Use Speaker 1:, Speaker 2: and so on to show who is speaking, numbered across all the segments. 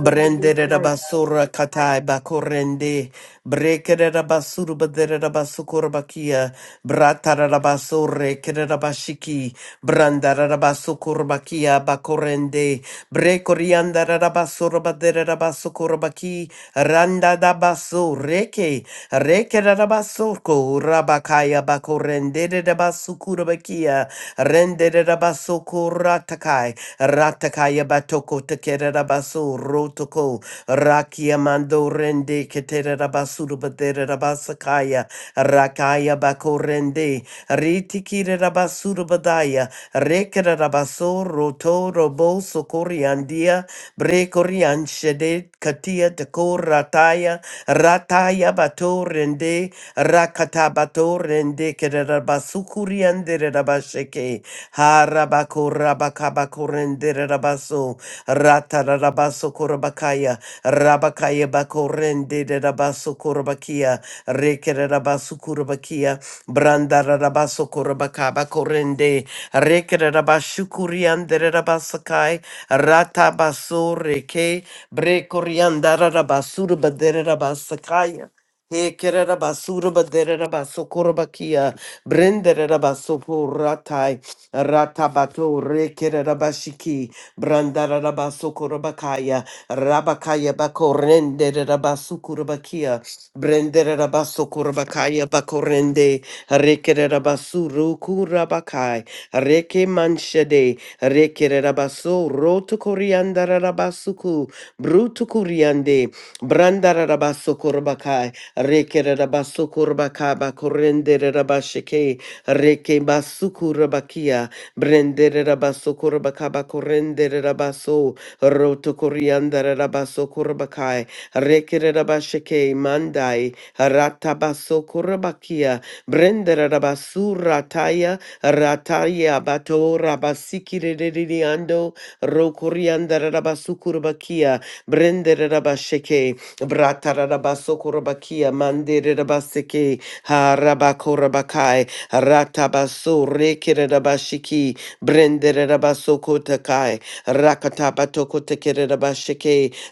Speaker 1: Brende de basura katai bakorende, breke de basura badere de basukurbakia, brata de basure kere de bashiki, branda de basukurbakia bakorende, brekorianda de basura badere de basukurbaki, randa da basureke. Rekerabasoko Rabakaya Bakorendere Basukura Bakia Rendere Basoko Ratakai Ratakaya Batoko Tekerabaso Rotoko Rakia Mando Rende Keterabasuru Baderabasakaya Rakaya Bakorende Ritikira Rabasuru Badaya Rekerabaso Roto Robo Sokoriandia Brekorian Shedet Katia Teko Rataya Rataya bato rende rakata bato rende kerera basukuri andere rabasheke harabako rabakabako rende rabaso rata rabaso korabakaya rabakaya bako rende rabaso korabakia rekere rabasu korabakia branda rabaso korabakaba korende rekere rabashukuri andere rabasakai rata baso reke brekorianda rabasuru badere rabasakaya he kerera basura baderera basokora bakia brenderera basopuratai ratabato re kerera bashiki brandarera basokora bakaya rabakaya bakorenderera basukura bakia brenderera basokora bakaya bakorende rekerera basuru kura bakai reke manshade rekerera baso roto koriandarera basuku brutu kuriande brandarera basokora Rekere rabasukurba kaba korendere rabashike. Reke basukurabakia. Brendere rabasukurba kaba korendere rabaso. Roto koriandere rabasukurbakai. Rekere rabashike mandai. Ratabasukurabakia. Brendere rabasurataya. Rataya bato rabasikiririando. Rokoriandere rabasukurbakia. Brendere rabashike. Bratarabasokorabakia mandirabaseke harabakorabakai ratabaso rekerabashiki brenderabasokotakai rakatabatokoteke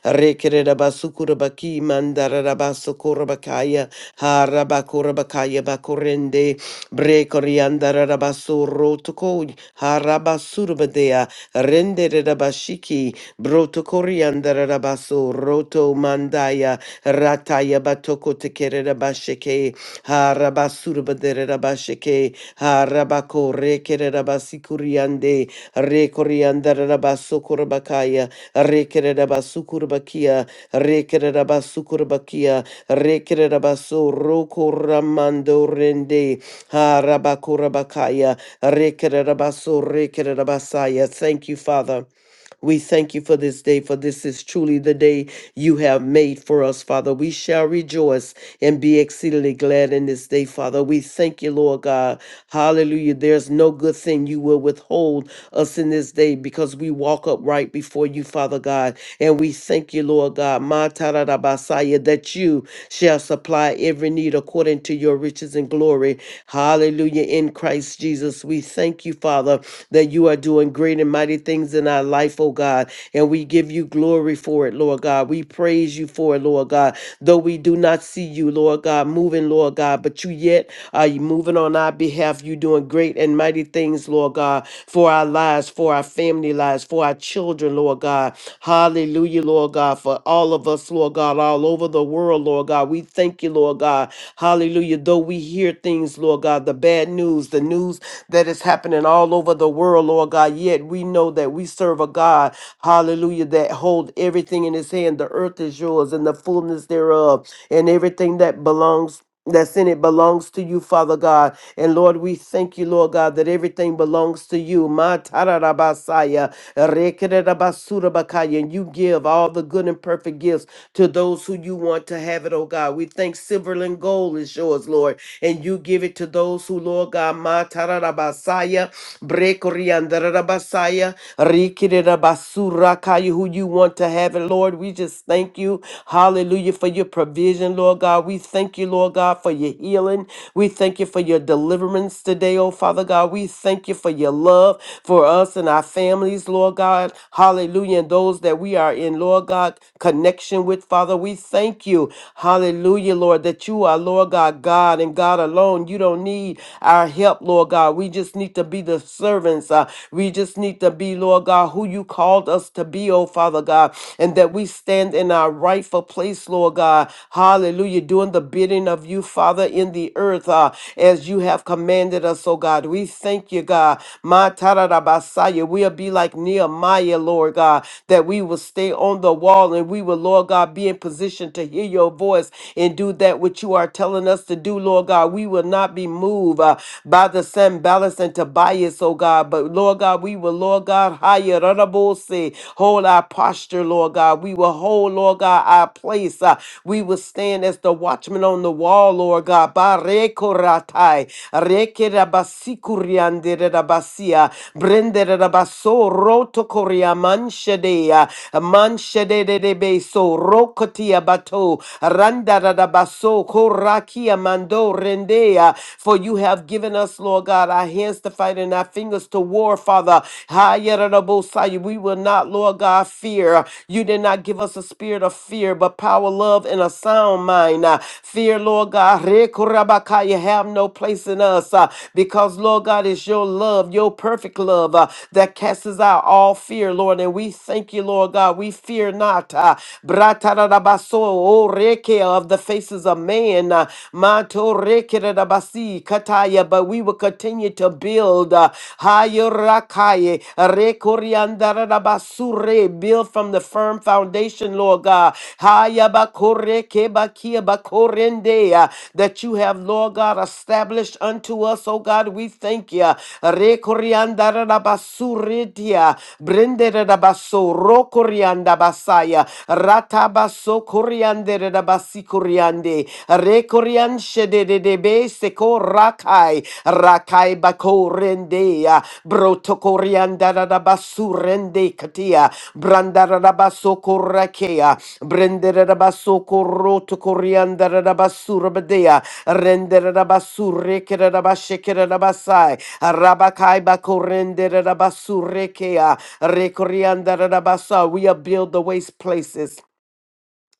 Speaker 1: rekerabasukurabaki mandarabasokora harabakorabakaya bakorende brekoriandarabasoro toko harabasurabadea renderabashiki Broto Coriander Rabaso, Roto Mandaya, Rataya Batoko Tekere Rabasheke, Harabasurabadere Rabasheke, Harabako Rekere Rabasikuriande, Rekoriander Rabasokurabakaya, Rekere Rabasukurbakia, Rekere Rabasukurbakia, Rekere Rabaso, Roko Ramando Rende, Harabakurabakaya, Rekere Rabaso, Rekere Rabasaya. Thank you, Father. We thank you for this day, for this is truly the day you have made for us, Father. We shall rejoice and be exceedingly glad in this day, Father. We thank you, Lord God. Hallelujah. There's no good thing you will withhold us in this day because we walk upright before you, Father God. And we thank you, Lord God, Ma ta ra ra ba sa ya, that you shall supply every need according to your riches and glory. Hallelujah. In Christ Jesus, we thank you, Father, that you are doing great and mighty things in our life, oh God. And we give you glory for it, Lord God. We praise you for it, Lord God. Though we do not see you, Lord God, moving, Lord God, but you yet are moving on our behalf. You doing great and mighty things, Lord. Lord God, for our lives, for our family lives, for our children, Lord God. Hallelujah, Lord God, for all of us, Lord God, all over the world, Lord God. We thank you, Lord God. Hallelujah. Though we hear things, Lord God, the bad news, the news that is happening all over the world, Lord God, yet we know that we serve a God, hallelujah, that hold everything in his hand. The earth is yours and the fullness thereof, and everything that belongs that's in it belongs to you, Father God. And Lord, we thank you, Lord God, that everything belongs to you. Ma tararabasaya, rekererabasurabakaya, And you give all the good and perfect gifts to those who you want to have it, oh God. We think silver and gold is yours, Lord. And you give it to those who, Lord God, ma tararabasaya, brekoriandarabasaya, rekererabasurakaya, who you want to have it, Lord. We just thank you, hallelujah, for your provision, Lord God. God. We thank you, Lord God, for your healing. We thank you for your deliverance today, oh Father God. We thank you for your love for us and our families, Lord God. Hallelujah. And those that we are in, Lord God, connection with, Father. We thank you. Hallelujah, Lord, that you are, Lord God, God and God alone. You don't need our help, Lord God. We just need to be the servants. uh, we just need to be, Lord God, who you called us to be, oh Father God, and that we stand in our rightful place, Lord God. Hallelujah. Doing the bidding of you, Father, in the earth uh, as you have commanded us, oh God. We thank you, God. Ma tararabasaya. We'll be like Nehemiah, Lord God, that we will stay on the wall and we will, Lord God, be in position to hear your voice and do that which you are telling us to do, Lord God. We will not be moved uh, by the Sanballat and Tobias, oh God, but Lord God, we will, Lord God, higher, hold our posture, Lord God. We will hold, Lord God, our God, place. Uh, we will stand as the watchman on the wall, Lord God. Barekoratai, rekerabasikuryanderedabasia, brenderedabaso, rotokoria manshedea, manshederedebeso, rokotia bato, randaradabaso, korakia mando rendea. For you have given us, Lord God, our hands to fight and our fingers to war, Father. Hayerabosai, We will not, Lord God, fear. You did not give us a spirit of fear, but power, love, and a sound mind. Uh, Fear, Lord God, rekurabakaya, have no place in us uh, because, Lord God, it's your love, your perfect love uh, that casts out all fear, Lord. And we thank you, Lord God. We fear not. uh, Bratarabaso, oh, reke of the faces of man. uh, Manto rekerabasi, kataya, but we will continue to build. uh, Hayorakaye, rekoriandarabasure, build from the a firm foundation, Lord God. Haya bakore kebakia bakorendea, That you have, Lord God, established unto us, oh God, we thank you. Rekoriandarabasuritia, brenderabaso, rokoriandabasaya, ratabaso korianderabasi koriande, rekorianshededebe seko rakai, rakai bakorendea, brotokoriandarabasurendekia, Brandarabaso Korakea, Brenderabaso Koroto Koriandarabasura Renderabasurekerabashekerabasai, Rabakaiba Korenderabasureke, Rekoriandarabasa. We are build the waste places.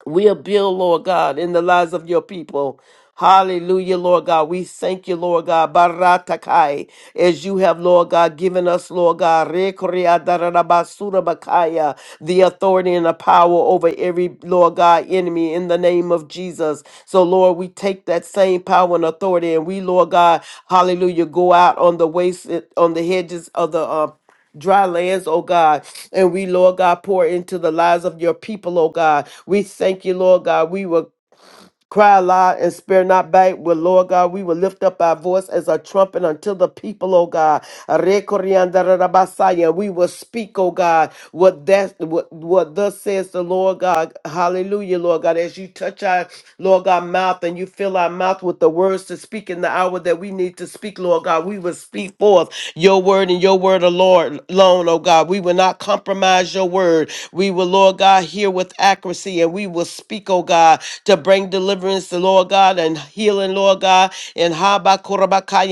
Speaker 1: We are build, Lord God, in the lives of your people. Hallelujah, Lord God. We thank you, Lord God. Baratakai, as you have, Lord God, given us, Lord God, rekorea darabasura bakaya, the authority and the power over every, Lord God, enemy in the name of Jesus. So, Lord, we take that same power and authority and we, Lord God, hallelujah, go out on the waste, on the hedges of the, uh, dry lands, oh God. And we, Lord God, pour into the lives of your people, oh God. We thank you, Lord God. We will. Cry aloud and spare not back. Well, Lord God, we will lift up our voice as a trumpet until the people, oh God. Rekoriandarabasaya. We will speak, oh God, what that what, what thus says the Lord God. Hallelujah, Lord God. As you touch our Lord God mouth and you fill our mouth with the words to speak in the hour that we need to speak, Lord God, we will speak forth your word and your word alone, alone, oh God. We will not compromise your word. We will, Lord God, hear with accuracy and we will speak, oh God, to bring deliverance deliverance, the Lord God, and healing, Lord God, and Haba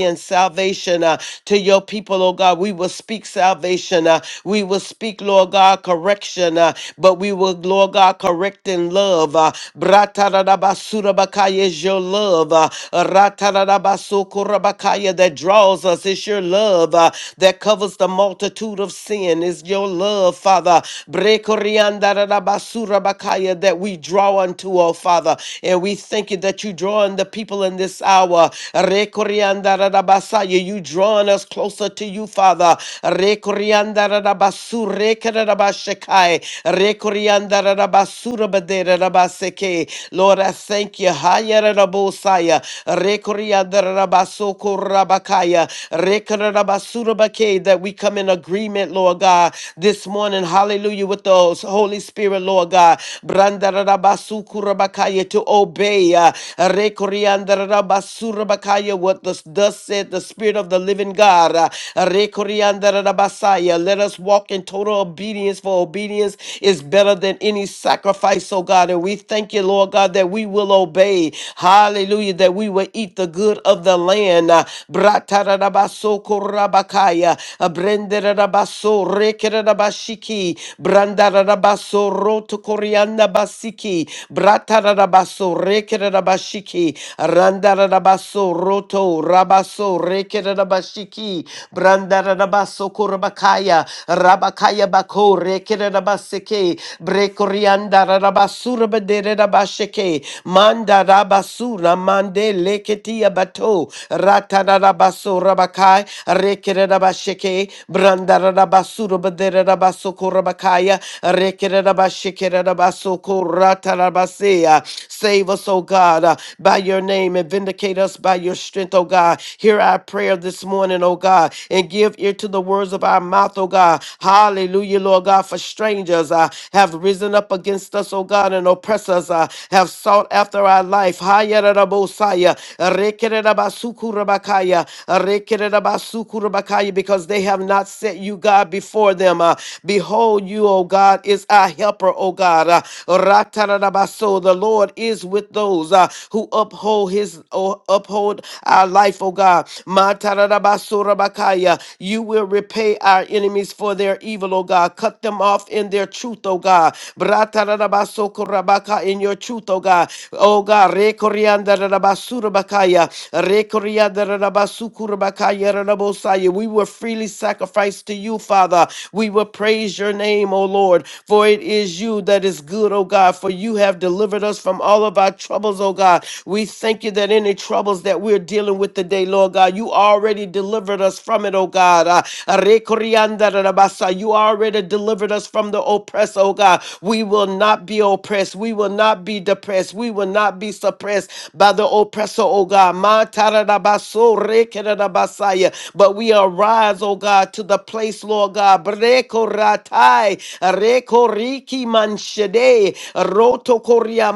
Speaker 1: and salvation uh, to your people, Lord God. We will speak salvation. uh, we will speak, Lord God, correction, uh, but we will, Lord God, correct in love. Uh, Bratararabasurabakaya is your love. Uh, Ratararabasukurabakaya that draws us. It's your love uh, that covers the multitude of sin. It's your love, Father. Brekoriandararabasurabakaya That we draw unto, oh Father. And we we thank you that you drawing the people in this hour. Rekoriandarabasaya, You drawing us closer to you, Father. Rekoriandarabasu, rekerabashekai, rekoriandarabasurabederabaseke. Lord, I thank you. Hayarabosaya, rekoriandarabasukorabakaya, rekerabasurabake, That we come in agreement, Lord God, this morning. Hallelujah. With the Holy Spirit, Lord God. Brandarabasukurabakaya, To obey obey. uh, Rekoriandarabasuramakaya, What thus, thus said the Spirit of the living God. uh, Rekoriandarabasaya, Let us walk in total obedience, for obedience is better than any sacrifice, oh God. And we thank you, Lord God, that we will obey. Hallelujah, that we will eat the good of the land. uh, Bratarabasokorabakaya, uh, Brenderarabaso, Rekerarabashiki, Brandararabaso, Rotokoriandabasiki, Bratarabaso, rekerabashiki, randarabaso roto, rabaso rekerabashiki, brandarabaso kurabakaya, rabakaya bako rekerabaseke, brekoriandarabasura baderabasheke, mandarabasura mande leketia bato, ratarabaso rabakai, rekerabasheke, brandarabasura baderabaso kurabakaya, rekerabasheke, rabasoko ratarabasea. Save us us, oh God, uh, by your name and vindicate us by your strength, oh God. Hear our prayer this morning, oh God, and give ear to the words of our mouth, oh God. Hallelujah, Lord God, for strangers uh, have risen up against us, oh God, and oppress us, uh, have sought after our life. Hayarabosaya, rekererabasukurabakaya, rekererabasukurabakaya, Because they have not set you, God, before them. Uh, behold, you, O God, is our helper, O God. Uh, ratarabaso, the Lord is with with those uh, who uphold his oh, uphold our life, oh God. Ma tararabasurabakaya. You will repay our enemies for their evil, oh God. Cut them off in their truth, oh God. Bra tararabasokorabaka, In your truth, oh God. Oh God. rekoriandarabasurabakaya, rekoriandarabasurabakaya, rarabosaya. We will freely sacrifice to you, Father. We will praise your name, O Lord, for it is you that is good, O God, for you have delivered us from all of our troubles, oh God. We thank you that any troubles that we're dealing with today, Lord God, you already delivered us from it, oh God. Uh, Rekoriandarabasa, You already delivered us from the oppressor, oh God. We will not be oppressed. We will not be depressed. We will not be suppressed by the oppressor, oh God. Matarabaso, rekerabasaya. But we arise, oh God, to the place, Lord God. Brekoratai, rekoriki manshede, rotokoria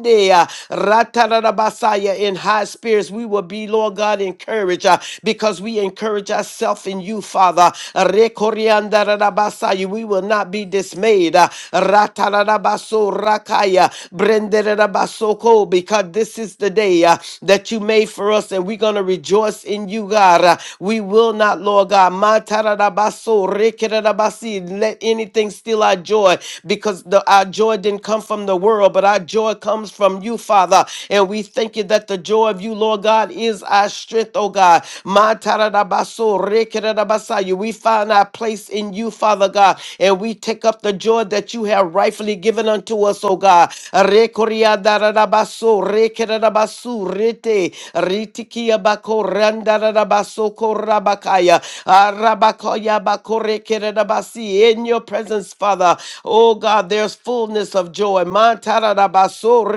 Speaker 1: Sunday, uh, Ratarabasaya, in high spirits, we will be, Lord God, encouraged uh, because we encourage ourselves in you, Father. Rekoriandarabasaya, We will not be dismayed. uh, Ratarabaso Rakaya, Brenderabasoko, because this is the day uh, that you made for us, and we're going to rejoice in you, God. Uh, we will not, Lord God, Matarabaso, Rekerabasi, let anything steal our joy because the, our joy didn't come from the world, but our joy comes comes from you, Father. And we thank you that the joy of you, Lord God, is our strength, oh God. Ma tararabaso, rekererabasaya. We find our place in you, Father God, and we take up the joy that you have rightfully given unto us, oh God. Rekoriadarabaso, rekererabasu, rete, ritikiabako, randarabasoko, korabakaya, arabakaya, bakorekererabasi. In your presence, Father, oh God, there's fullness of joy. Ma tararabaso,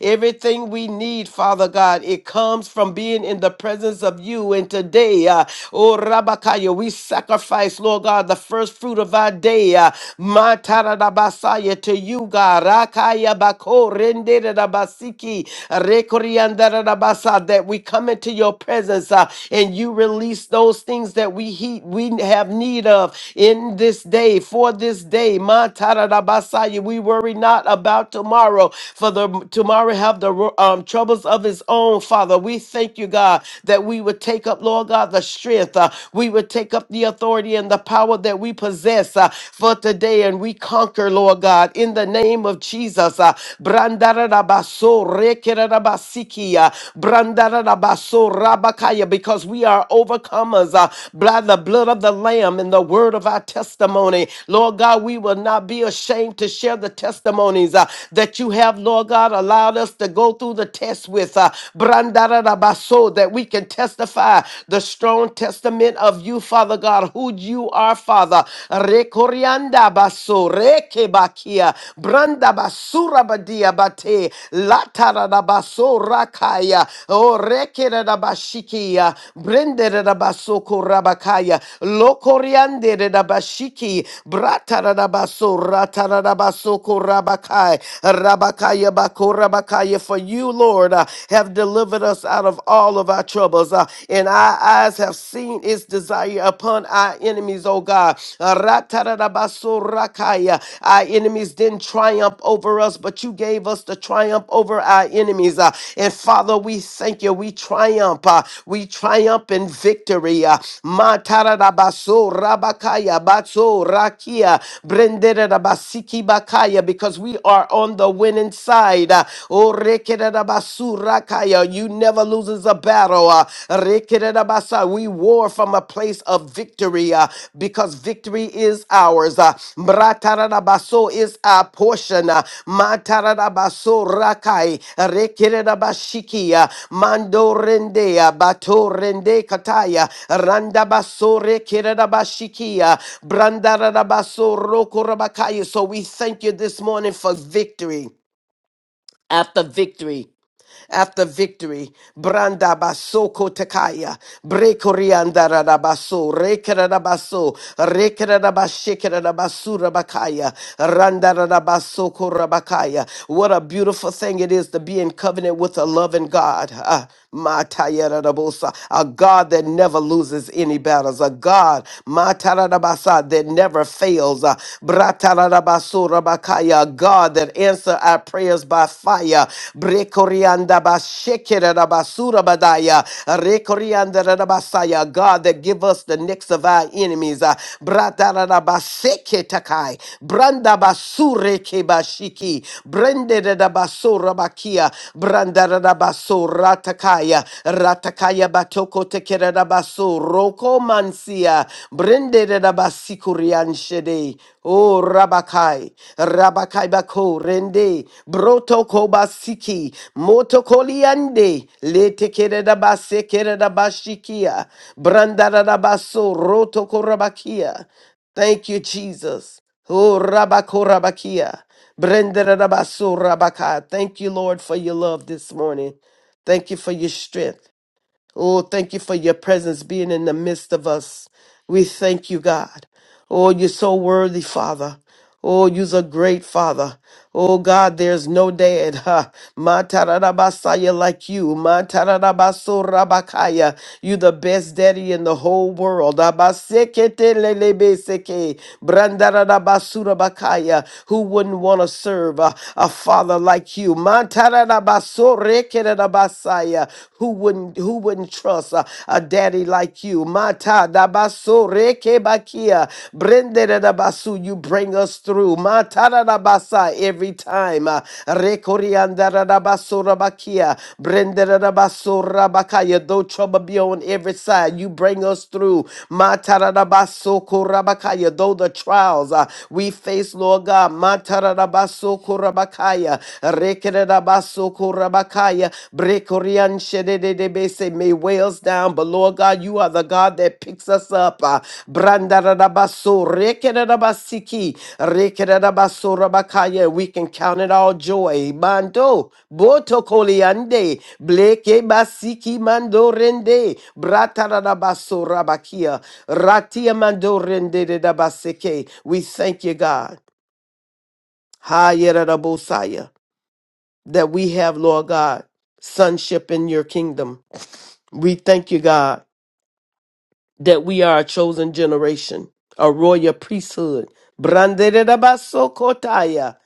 Speaker 1: Everything we need, Father God, it comes from being in the presence of you. And today, uh, oh Rabakaya, we sacrifice, Lord God, the first fruit of our day, uh, Matarabasaya, to you, God. Rakaya bako renderabasiki, rekoriandarabasa, That we come into your presence uh, and you release those things that we heat, we have need of in this day, for this day. Matarabasaya, we worry not about tomorrow tomorrow, for the tomorrow have the um, troubles of his own, Father. We thank you, God, that we would take up, Lord God, the strength. uh, we would take up the authority and the power that we possess uh, for today, and we conquer, Lord God, in the name of Jesus. Uh, Brandararabaso rekerarabasiki, uh, brandararabaso rabakaya, because we are overcomers uh, by the blood of the Lamb and the word of our testimony. Lord God, we will not be ashamed to share the testimonies uh, that you you have, Lord God, allowed us to go through the test with, uh, Brandararabaso, that we can testify the strong testament of you, Father God, who you are, Father. Rekorianda baso, rekebakia, branda basura badia bate, latararabaso rakaya, o rekerarabashikia, brenderarabaso korabakaya, lokorianderarabashiki, bratararabaso, ratarabaso korabakai, Rabakaya bakora, Bakorabakaya, for you, Lord, uh, have delivered us out of all of our troubles, uh, and our eyes have seen its desire upon our enemies, oh God. Uh, Ratarabasorakaya, Our enemies didn't triumph over us, but you gave us the triumph over our enemies. uh, And Father, we thank you. We triumph. uh, We triumph in victory. uh, Matarabasorabakaya, Batsorakia, Brenderabasiki Bakaya, Because we are on the win winning side. Uh, Oh, rekererabasurakaia, you never loses a battle. Uh, rekererabasa, We war from a place of victory uh, because victory is ours. Uh, mratarabaso is our portion. Uh, matarabasorakai, rekererabashikia, mandorendea, batorende kataya, randabasore kererabashikia, brandarabasorokorabakaya. So we thank you this morning for victory after victory after victory. Branda baso kotakaya, brekorianda rabaso, rekarabaso, rekarabashikarabasu bakaya, randa rabaso korabakaya. What a beautiful thing it is to be in covenant with a loving God. Ah, mataya rabosa, A God that never loses any battles, a God matarabasa that never fails. Ah, bratarabaso Rabakaya, God that answer our prayers by fire. Brekorianda bashekere rabasura badaya. Rekorianda rabasaya, God that give us the necks of our enemies. Uh, Bratara rabaseke takai. Branda basure kebashiki. Brende rabasura bakia. Branda rabasura takaya. Ratakaya batoko tekere rabasura. Roko mansia. Brende rabasurian shede. Oh, Rabakai, Rabakai Bako, Rende, Broto Kobasiki, Moto Koliande, Lete Kereda Base Kereda Bashikia, Brandara Baso, Roto Korabakia. Thank you, Jesus. Oh, Rabako Rabakia, Brandara Baso Rabaka. Thank you, Lord, for your love this morning. Thank you for your strength. Oh, thank you for your presence being in the midst of us. We thank you, God. Oh, you're so worthy, Father. Oh, you're a great Father. Oh, God, there's no dad. Ha. Matarabasaya like you. Ma Matarabasurabakaya. you the best daddy in the whole world. Abaseketelelebeseke. Brandarabasurabakaya. Who wouldn't want to serve a, a father like you? Matarabasore Messiah. Who wouldn't who wouldn't trust a, a daddy like you? Mata da baso reke You bring us through. Mata da every time. Uh, Rekorianda da Though trouble be on every side, you bring us through. Mata da Though the trials uh, we face, Lord God. Mata da Rabakaya, Brekorian Shededebese, may whales down, but Lord God, you are the God that picks us up. uh, Brandarabaso, Rekererabasiki, Rekererabaso we can count it all joy. Mando, Boto Bleke Basiki Mando Rende, Bratarabaso Ratia Mando Rende de Dabaseke. We thank you, God. Hayerabosaya that we have, Lord God, sonship in your kingdom. We thank you, God, that we are a chosen generation, a royal priesthood. Branderabasokotaya,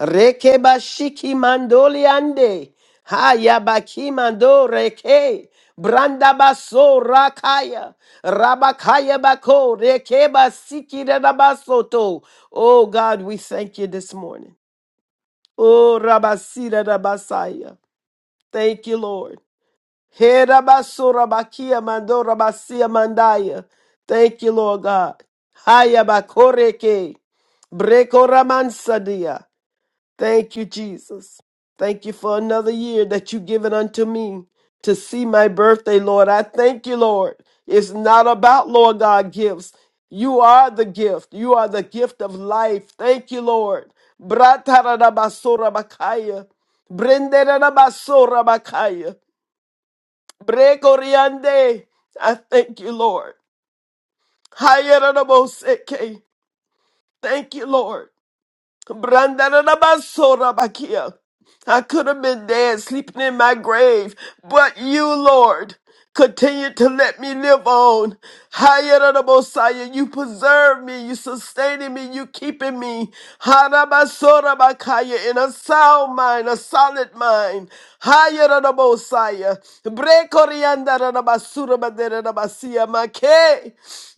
Speaker 1: rekebashiki mandoliande, hayabaki mando reke, brandabaso rakaya, rabakaya bako, rekebasiki rabasoto. Oh God, we thank you this morning. Oh, Rabasira Rabasaya. Thank you, Lord. He rabasura bakia mandora basia mandaya. Thank you, Lord God. Haya bakoreke. Brekoramansadia. Thank you, Jesus. Thank you for another year that you've given unto me to see my birthday, Lord. I thank you, Lord. It's not about, Lord God, gifts. You are the gift. You are the gift of life. Thank you, Lord. Bratarabasura bakaya. Brenderabasora bakaya. Brecoriande. I thank you, Lord. Hayaraboseke. Thank you, Lord. Brandarabasora I could have been dead, sleeping in my grave, but you, Lord, continue to let me live on. Hayarabosaya, you preserve me, you sustaining me, you keeping me. Harabasorabakaya, in a sound mind, a solid mind. Hayarabosaya, brekoriandarabasurabaderabasiya make.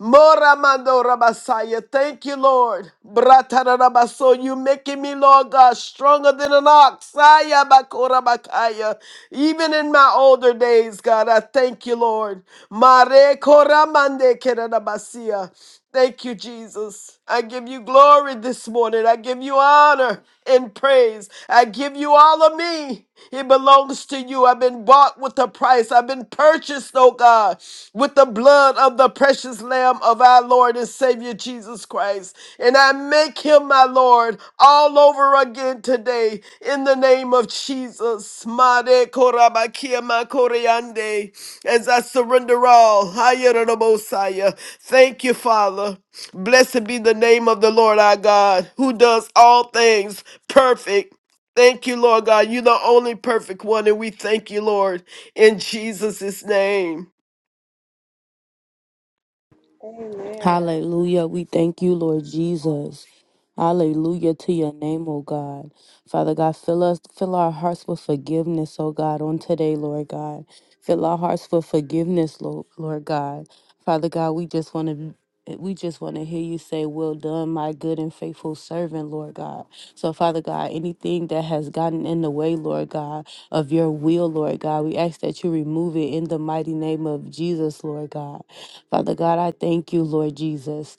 Speaker 1: Moramandorabasaya, Thank you, Lord. Bratarabaso, you making me, Lord God, stronger than an ox. Aya bakora bakaya. Even in my older days, God, I thank you, Lord. Mare koramande kerarabasia. Thank you, Jesus. I give you glory this morning. I give you honor and praise. I give you all of me. It belongs to you. I've been bought with a price. I've been purchased, oh God, with the blood of the precious Lamb of our Lord and Savior Jesus Christ. And I make him my Lord all over again today in the name of Jesus. Made korabakia makoreande. As I surrender all. Hayerobosaya. Thank you, Father. Blessed be the name of the Lord our God, who does all things perfect. Thank you, Lord God. You're the only perfect one, and we thank you, Lord, in Jesus' name.
Speaker 2: Amen.
Speaker 3: Hallelujah. We thank you, Lord Jesus. Hallelujah to your name, O God. Father God, fill us, fill our hearts with forgiveness, O God, on today, Lord God. Fill our hearts with forgiveness, Lord, Lord God. Father God, we just want to we just want to hear you say, Well done, my good and faithful servant, Lord God. So, Father God, anything that has gotten in the way, Lord God, of your will, Lord God, we ask that you remove it in the mighty name of Jesus, Lord God. Father God, I thank you, Lord Jesus.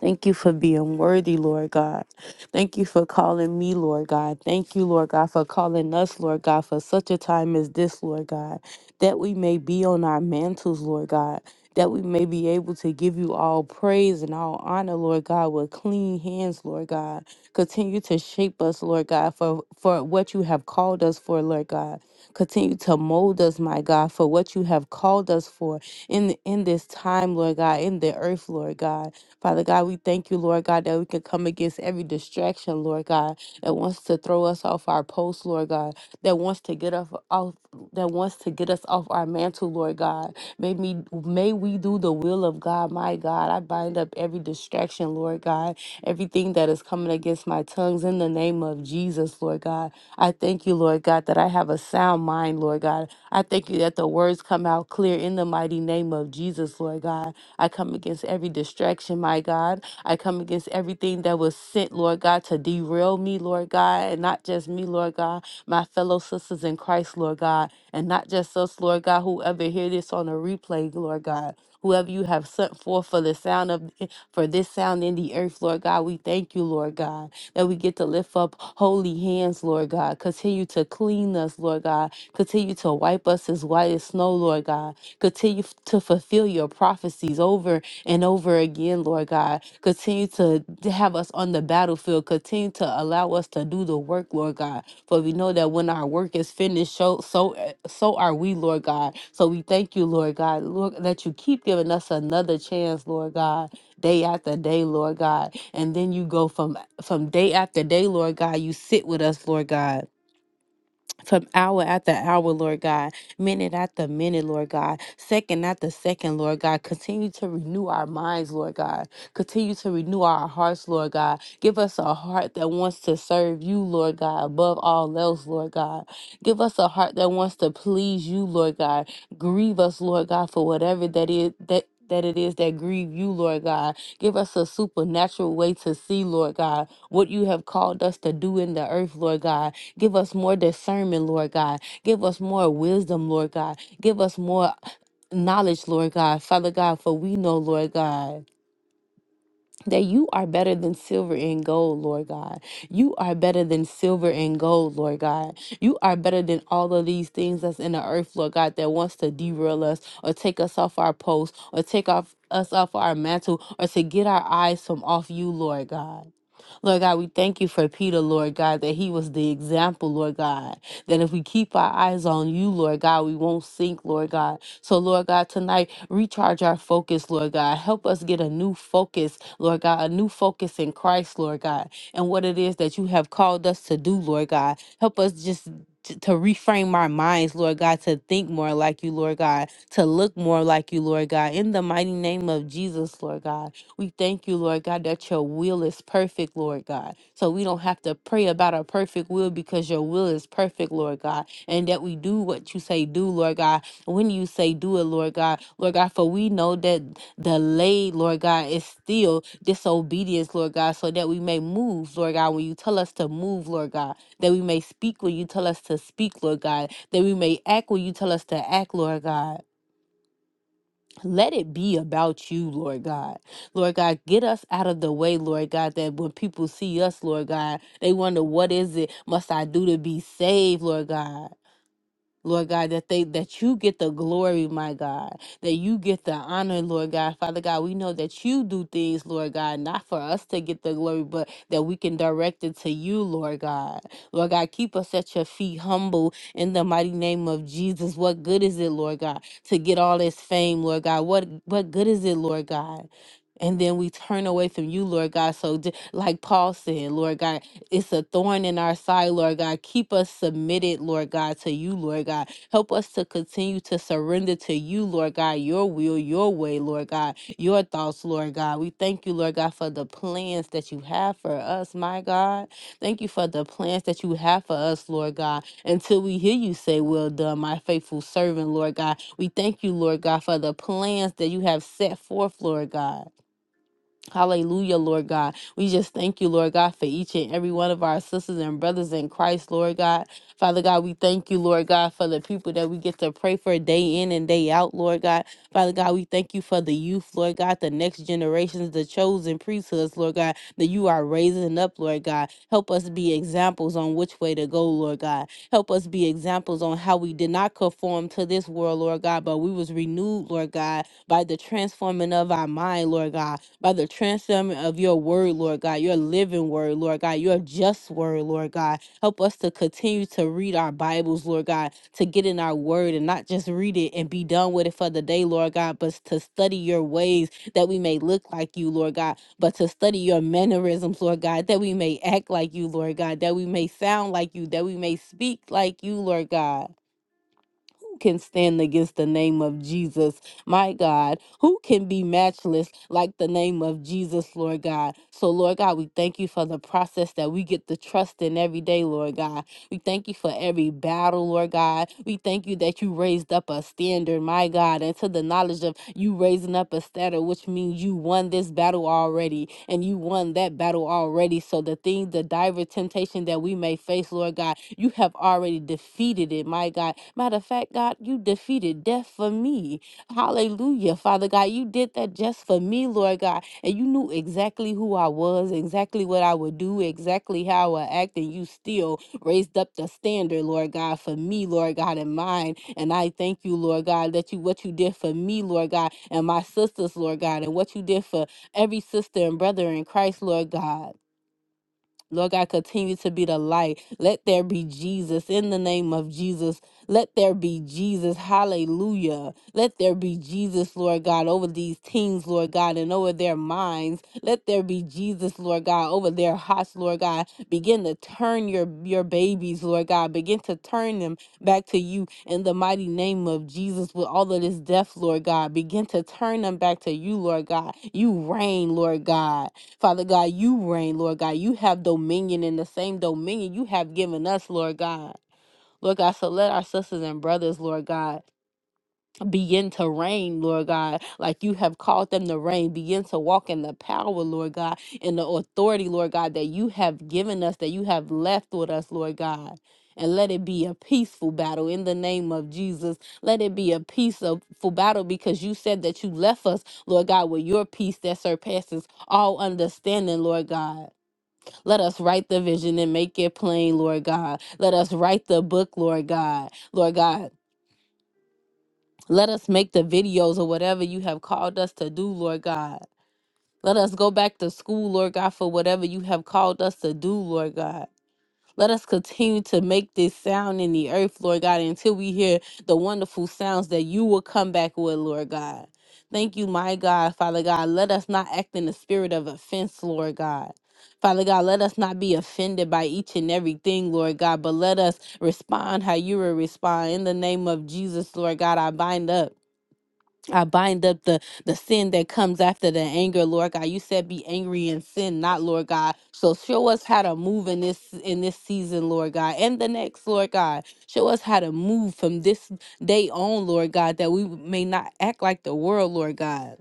Speaker 3: Thank you for being worthy, Lord God. Thank you for calling me, Lord God. Thank you, Lord God, for calling us, Lord God, for such a time as this, Lord God, that we may be on our mantles, Lord God, that we may be able to give you all praise and all honor, Lord God, with clean hands, Lord God. Continue to shape us, Lord God, for, for what you have called us for, Lord God. Continue to mold us, my God, for what you have called us for in in this time, Lord God, in the earth, Lord God. Father God, we thank you, Lord God, that we can come against every distraction, Lord God, that wants to throw us off our post, Lord God, that wants to get us off that wants to get us off our mantle, Lord God. May me may we do the will of God, my God. I bind up every distraction, Lord God, everything that is coming against my tongues in the name of Jesus, Lord God. I thank you, Lord God, that I have a sound mind, Lord God. I thank you that the words come out clear in the mighty name name of Jesus, Lord God. I come against every distraction, my God. I come against everything that was sent, Lord God, to derail me, Lord God, and not just me, Lord God, my fellow sisters in Christ, Lord God, and not just us, Lord God, whoever hear this on a replay, Lord God. Whoever you have sent forth for the sound of for this sound in the earth, Lord God, we thank you, Lord God, that we get to lift up holy hands, Lord God. Continue to clean us, Lord God. Continue to wipe us as white as snow, Lord God. Continue f- to fulfill your prophecies over and over again, Lord God. Continue to d- have us on the battlefield. Continue to allow us to do the work, Lord God. For we know that when our work is finished, so so eh, so are we, Lord God. So we thank you, Lord God, Lord, that you keep giving us another chance, Lord God, day after day, Lord God. And then you go from from day after day, Lord God. You sit with us, Lord God from hour after hour, Lord God, minute after minute, Lord God, second after second, Lord God. Continue to renew our minds, Lord God. Continue to renew our hearts, Lord God. Give us a heart that wants to serve you, Lord God, above all else, Lord God. Give us a heart that wants to please you, Lord God. Grieve us, Lord God, for whatever that is that. That it is that grieve you, Lord God. Give us a supernatural way to see, Lord God, what you have called us to do in the earth, Lord God Give us more discernment, Lord God. Give us more wisdom, Lord God. Give us more knowledge, Lord God. Father God, for we know, Lord God. That you are better than silver and gold, Lord God. You are better than silver and gold, Lord God. You are better than all of these things that's in the earth, Lord God, that wants to derail us or take us off our post or take off us off our mantle or to get our eyes from off you, Lord God. Lord God, we thank you for Peter, Lord God, that he was the example, Lord God, that if we keep our eyes on you, Lord God, we won't sink, Lord God. So, Lord God, tonight, recharge our focus, Lord God. Help us get a new focus, Lord God, a new focus in Christ, Lord God, and what it is that you have called us to do, Lord God. Help us just. To to reframe our minds, Lord God, to think more like you, Lord God, to look more like you, Lord God, in the mighty name of Jesus, Lord God. We thank you, Lord God, that your will is perfect, Lord God. So we don't have to pray about a perfect will because your will is perfect, Lord God, and that we do what you say do, Lord God. When you say do it, Lord God, Lord God, for we know that delay, Lord God, is still disobedience, Lord God, so that we may move, Lord God, when you tell us to move, Lord God, that we may speak when you tell us to speak, Lord God, that we may act when you tell us to act, Lord God. Let it be about you, Lord God. Lord God, get us out of the way, Lord God, that when people see us, Lord God, they wonder, what is it must I do to be saved, Lord God? Lord God, that they that you get the glory, my God, that you get the honor, Lord God. Father God, we know that you do things, Lord God, not for us to get the glory, but that we can direct it to you, Lord God. Lord God, keep us at your feet humble in the mighty name of Jesus. What good is it, Lord God, to get all this fame, Lord God? What what good is it, Lord God? And then we turn away from you, Lord God. So, j- like Paul said, Lord God, it's a thorn in our side, Lord God. Keep us submitted, Lord God, to you, Lord God. Help us to continue to surrender to you, Lord God, your will, your way, Lord God, your thoughts, Lord God. We thank you, Lord God, for the plans that you have for us, my God. Thank you for the plans that you have for us, Lord God. Until we hear you say, Well done, my faithful servant, Lord God. We thank you, Lord God, for the plans that you have set forth, Lord God. Hallelujah, Lord God. We just thank you, Lord God, for each and every one of our sisters and brothers in Christ, Lord God. Father God, we thank you, Lord God, for the people that we get to pray for day in and day out, Lord God. Father God, we thank you for the youth, Lord God, the next generations, the chosen priesthoods, Lord God, that you are raising up, Lord God. Help us be examples on which way to go, Lord God. Help us be examples on how we did not conform to this world, Lord God, but we was renewed, Lord God, by the transforming of our mind, Lord God by the transforming of your word, Lord God, your living word, Lord God, your just word, Lord God. Help us to continue to read our Bibles, Lord God, to get in our word and not just read it and be done with it for the day, Lord God, but to study your ways that we may look like you, Lord God, but to study your mannerisms, Lord God, that we may act like you, Lord God, that we may sound like you, that we may speak like you, Lord God. Who can stand against the name of Jesus, my God? Who can be matchless like the name of Jesus, Lord God? So, Lord God, we thank you for the process that we get to trust in every day, Lord God. We thank you for every battle, Lord God. We thank you that you raised up a standard, my God, and to the knowledge of you raising up a standard, which means you won this battle already and you won that battle already. So the thing, the diver temptation that we may face, Lord God, you have already defeated it, my God. Matter of fact, God, you defeated death for me. Hallelujah, Father God. You did that just for me, Lord God. And you knew exactly who I was, exactly what I would do, exactly how I would act, and you still raised up the standard, Lord God, for me, Lord God, and mine. And I thank you, Lord God, that you what you did for me, Lord God, and my sisters, Lord God, and what you did for every sister and brother in Christ, Lord God. Lord God, continue to be the light. Let there be Jesus in the name of Jesus. Let there be Jesus. Hallelujah. Let there be Jesus, Lord God, over these teens, Lord God, and over their minds. Let there be Jesus, Lord God, over their hearts, Lord God. Begin to turn your, your babies, Lord God. Begin to turn them back to you in the mighty name of Jesus with all of this death, Lord God. Begin to turn them back to you, Lord God. You reign, Lord God. Father God, you reign, Lord God. You have dominion in the same dominion you have given us, Lord God. Lord God, so let our sisters and brothers, Lord God, begin to reign, Lord God, like you have called them to reign. Begin to walk in the power, Lord God, in the authority, Lord God, that you have given us, that you have left with us, Lord God. And let it be a peaceful battle in the name of Jesus. Let it be a peaceful battle because you said that you left us, Lord God, with your peace that surpasses all understanding, Lord God. Let us write the vision and make it plain, Lord God. Let us write the book, Lord God. Lord God, let us make the videos or whatever you have called us to do, Lord God. Let us go back to school, Lord God, for whatever you have called us to do, Lord God. Let us continue to make this sound in the earth, Lord God, until we hear the wonderful sounds that you will come back with, Lord God. Thank you, my God, Father God. Let us not act in the spirit of offense, Lord God. Father God, let us not be offended by each and everything, Lord God, but let us respond how you will respond. In the name of Jesus, Lord God, I bind up. I bind up the the sin that comes after the anger, Lord God. You said be angry and sin not, Lord God. So show us how to move in this in this season, Lord God, and the next, Lord God. Show us how to move from this day on, Lord God, that we may not act like the world, Lord God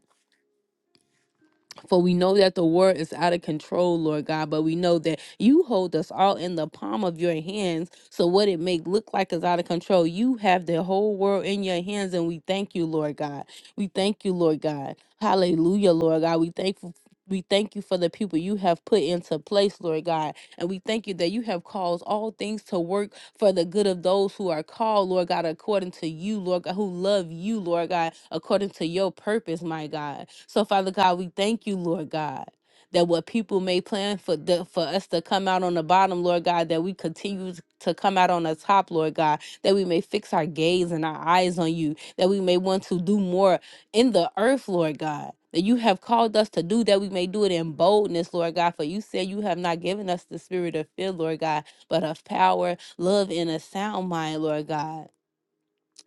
Speaker 3: for we know that the world is out of control, Lord God, but we know that you hold us all in the palm of your hands. So what it may look like is out of control. You have the whole world in your hands, and we thank you, Lord God. We thank you, Lord God. Hallelujah, Lord God. We thankful. We thank you for the people you have put into place, Lord God. And we thank you that you have caused all things to work for the good of those who are called, Lord God, according to you, Lord God, who love you, Lord God, according to your purpose, my God. So, Father God, we thank you, Lord God. That what people may plan for the, for us to come out on the bottom, Lord God, that we continue to come out on the top, Lord God, that we may fix our gaze and our eyes on you, that we may want to do more in the earth, Lord God, that you have called us to do, that we may do it in boldness, Lord God. For you said you have not given us the spirit of fear, Lord God, but of power, love, and a sound mind, Lord God.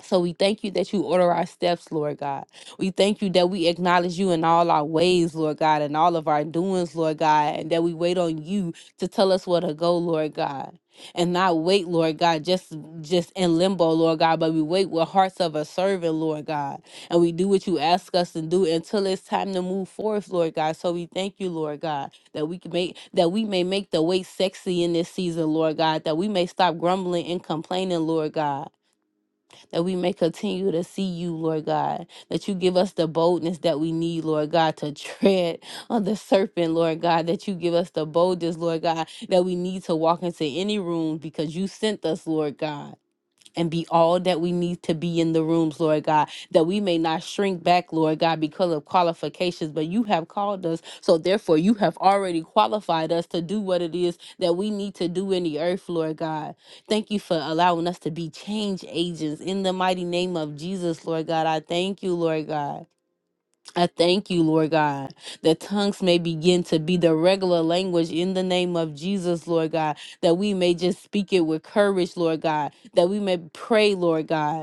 Speaker 3: So we thank you that you order our steps, Lord God. We thank you that we acknowledge you in all our ways, Lord God, and all of our doings, Lord God, and that we wait on you to tell us where to go, Lord God. And not wait, Lord God, just just in limbo, Lord God, but we wait with hearts of a servant, Lord God. And we do what you ask us to do until it's time to move forth, Lord God. So we thank you, Lord God, that we can make that we may make the wait sexy in this season, Lord God, that we may stop grumbling and complaining, Lord God that we may continue to see you, Lord God, that you give us the boldness that we need, Lord God, to tread on the serpent, Lord God, that you give us the boldness, Lord God, that we need to walk into any room because you sent us, Lord God and be all that we need to be in the rooms, Lord God, that we may not shrink back, Lord God, because of qualifications, but you have called us. So therefore, you have already qualified us to do what it is that we need to do in the earth, Lord God. Thank you for allowing us to be change agents in the mighty name of Jesus, Lord God. I thank you, Lord God. I thank you, Lord God, that tongues may begin to be the regular language in the name of Jesus, Lord God, that we may just speak it with courage, Lord God, that we may pray, Lord God.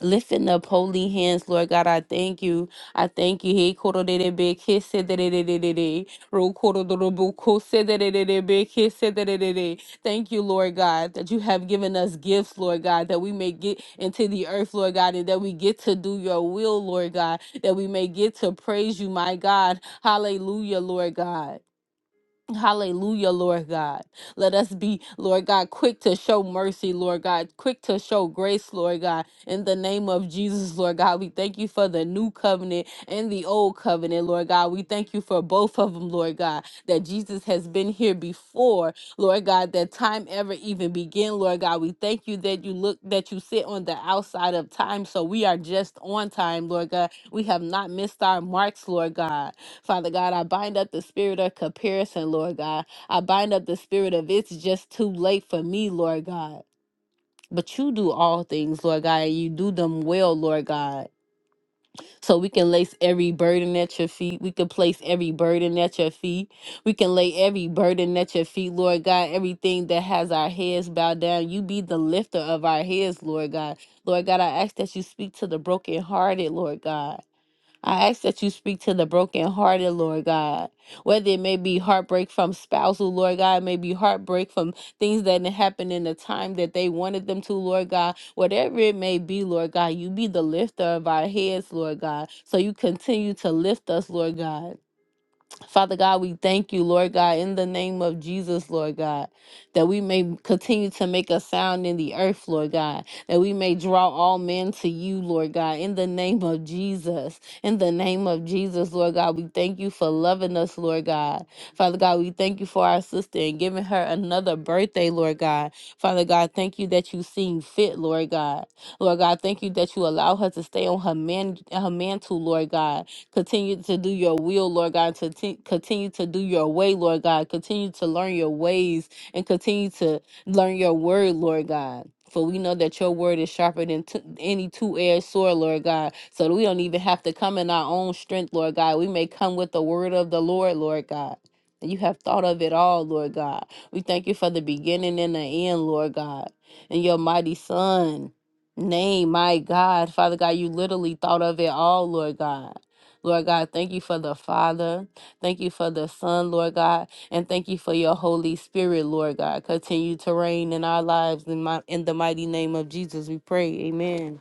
Speaker 3: Lifting up holy hands, Lord God, I thank you. I thank you. Hey, koro de de be kiss de de de de de de. Ro koro do do bu ko se de de de de be kiss de de de de. Thank you, Lord God, that you have given us gifts, Lord God, that we may get into the earth, Lord God, and that we get to do your will, Lord God, that we may get to praise you, my God. Hallelujah, Lord God. Hallelujah, Lord God. Let us be, Lord God, quick to show mercy, Lord God, quick to show grace, Lord God. In the name of Jesus, Lord God, we thank you for the new covenant and the old covenant, Lord God. We thank you for both of them, Lord God, that Jesus has been here before, Lord God, that time ever even began, Lord God. We thank you that you look, that you sit on the outside of time. So we are just on time, Lord God. We have not missed our marks, Lord God. Father God, I bind up the spirit of comparison, Lord God. I bind up the spirit of it's just too late for me, Lord God. But you do all things, Lord God, and you do them well, Lord God. So we can lace every burden at your feet. We can place every burden at your feet. We can lay every burden at your feet, Lord God. Everything that has our heads bowed down, you be the lifter of our heads, Lord God. Lord God, I ask that you speak to the brokenhearted, Lord God. I ask that you speak to the brokenhearted, Lord God. Whether it may be heartbreak from spousal, Lord God, it may be heartbreak from things that didn't happen in the time that they wanted them to, Lord God. Whatever it may be, Lord God, you be the lifter of our heads, Lord God. So you continue to lift us, Lord God. Father God, we thank you, Lord God, in the name of Jesus, Lord God, that we may continue to make a sound in the earth, Lord God, that we may draw all men to you, Lord God, in the name of Jesus. In the name of Jesus, Lord God, we thank you for loving us, Lord God. Father God, we thank you for our sister and giving her another birthday, Lord God. Father God, thank you that you seem fit, Lord God. Lord God, thank you that you allow her to stay on her man her mantle, Lord God. Continue to do your will, Lord God. To t- continue to do your way, Lord God. Continue to learn your ways and continue to learn your word, Lord God. For we know that your word is sharper than t- any two edged sword, Lord God. So that we don't even have to come in our own strength, Lord God. We may come with the word of the Lord, Lord God. And you have thought of it all, Lord God. We thank you for the beginning and the end, Lord God. And your mighty Son, name, my God. Father God, you literally thought of it all, Lord God. Lord God, thank you for the Father. Thank you for the Son, Lord God, and thank you for your Holy Spirit, Lord God. Continue to reign in our lives in my in the mighty name of Jesus. We pray. Amen.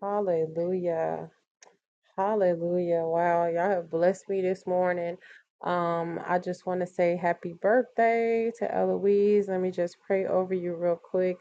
Speaker 2: Hallelujah. Hallelujah. Wow, y'all have blessed me this morning. Um, I just want to say happy birthday to Eloise. Let me just pray over you real quick.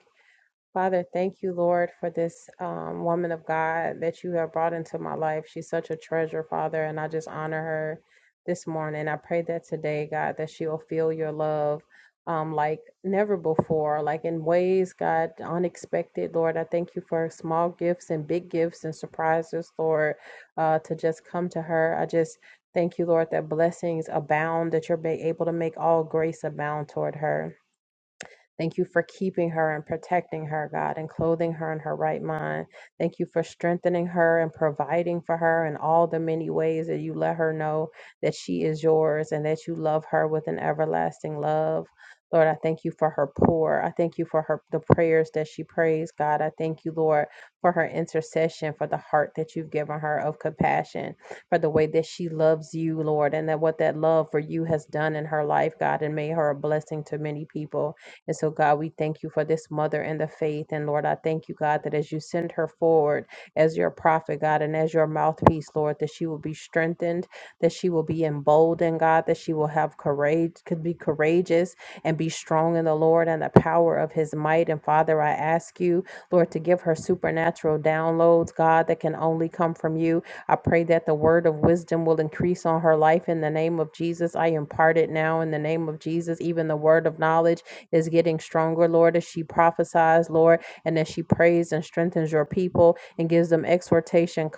Speaker 2: Father, thank you, Lord, for this um, woman of God that you have brought into my life. She's such a treasure, Father, and I just honor her this morning. I pray that today, God, that she'll feel your love um, like never before, like in ways, God, unexpected, Lord. I thank you for small gifts and big gifts and surprises, Lord, uh, to just come to her. I just thank you, Lord, that blessings abound, that you're able to make all grace abound toward her. Thank you for keeping her and protecting her, God, and clothing her in her right mind. Thank you for strengthening her and providing for her in all the many ways that you let her know that she is yours and that you love her with an everlasting love. Lord, I thank you for her pour. I thank you for her the prayers that she prays, God. I thank you, Lord, for her intercession, for the heart that you've given her of compassion, for the way that she loves you, Lord, and that what that love for you has done in her life, God, and made her a blessing to many people. And so, God, we thank you for this mother in the faith. And Lord, I thank you, God, that as you send her forward as your prophet, God, and as your mouthpiece, Lord, that she will be strengthened, that she will be emboldened, God, that she will have courage, could be courageous and be strong in the Lord and the power of his might. And Father, I ask you, Lord, to give her supernatural downloads, God, that can only come from you. I pray that the word of wisdom will increase on her life in the name of Jesus. I impart it now in the name of Jesus, even the word of knowledge is getting stronger, Lord, as she prophesies, Lord, and as she prays and strengthens your people and gives them exhortation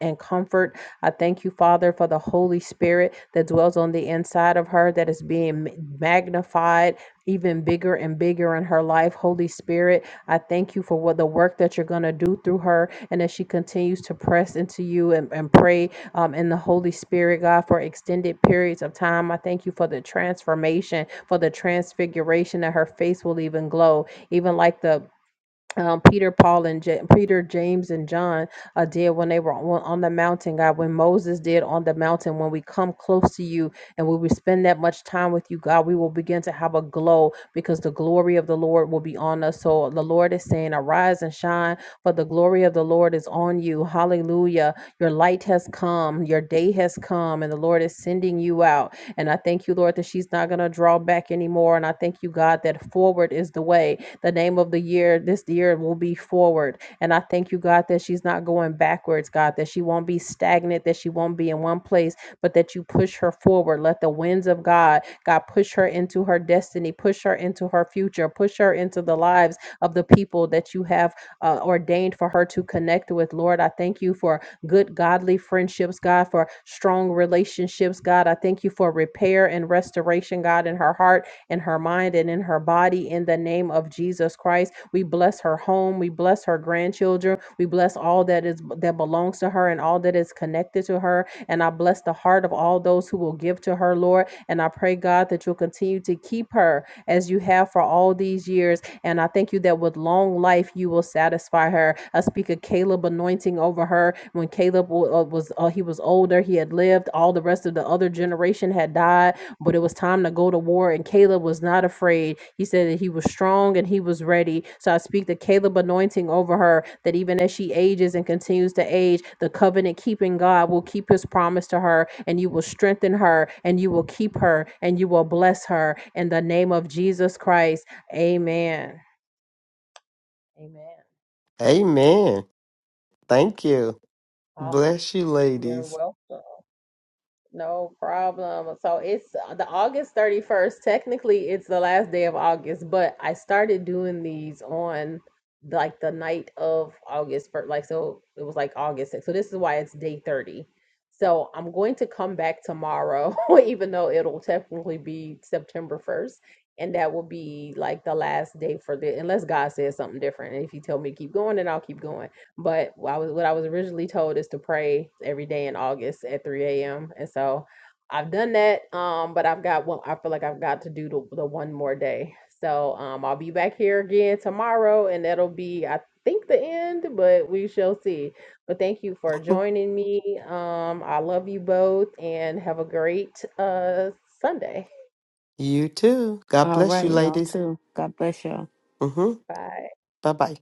Speaker 2: and comfort. I thank you, Father, for the Holy Spirit that dwells on the inside of her that is being magnified. Even bigger and bigger in her life. Holy Spirit, I thank you for what the work that you're going to do through her. And as she continues to press into you and, and pray um, in the Holy Spirit, God, for extended periods of time. I thank you for the transformation, for the transfiguration that her face will even glow, even like the um, Peter, Paul, and Ja- Peter, James, and John uh, did when they were on, on the mountain, God, when Moses did on the mountain, when we come close to you and when we spend that much time with you, God, we will begin to have a glow because the glory of the Lord will be on us. So the Lord is saying, Arise and shine, for the glory of the Lord is on you. Hallelujah. Your light has come, your day has come, and the Lord is sending you out. And I thank you, Lord, that she's not going to draw back anymore. And I thank you, God, that forward is the way the name of the year, this year will be forward. And I thank you, God, that she's not going backwards, God, that she won't be stagnant, that she won't be in one place, but that you push her forward. Let the winds of God, God, push her into her destiny, push her into her future, push her into the lives of the people that you have uh, ordained for her to connect with. Lord, I thank you for good, godly friendships, God, for strong relationships, God. I thank you for repair and restoration, God, in her heart in her mind and in her body in the name of Jesus Christ. We bless her home. We bless her grandchildren. We bless all that is that belongs to her and all that is connected to her. And I bless the heart of all those who will give to her, Lord. And I pray, God, that you'll continue to keep her as you have for all these years and I thank you that with long life, you will satisfy her. I speak of Caleb anointing over her. When Caleb uh, was, uh, he was older, he had lived. All the rest of the other generation had died, but it was time to go to war. And Caleb was not afraid. He said that he was strong and he was ready. So I speak the Caleb anointing over her that even as she ages and continues to age, the covenant keeping God will keep his promise to her and you will strengthen her and you will keep her and you will bless her in the name of Jesus Christ. Amen. Amen.
Speaker 1: Amen. Thank you.
Speaker 2: Oh,
Speaker 1: Bless you,
Speaker 2: you're
Speaker 1: ladies.
Speaker 2: welcome. No problem. So it's uh, the August 31st. Technically, it's the last day of August, but I started doing these on like the night of August 1st. Like, so it was like August 6th. So this is why it's day 30. So I'm going to come back tomorrow, even though it'll technically be September 1st. And that will be like the last day for the, unless God says something different. And if you tell me to keep going, then I'll keep going But I was what I was originally told is to pray every day in August at 3 a.m. And so I've done that. Um, but I've got one I feel like I've got to do the, the one more day. So um I'll be back here again tomorrow and that'll be I think the end, but we shall see. But thank you for joining me. Um I love you both and have a great uh Sunday.
Speaker 1: You too. God
Speaker 3: All
Speaker 1: bless you,
Speaker 3: right, y'all
Speaker 1: ladies.
Speaker 3: too. God bless y'all.
Speaker 1: Mm-hmm.
Speaker 2: Bye.
Speaker 1: Bye bye.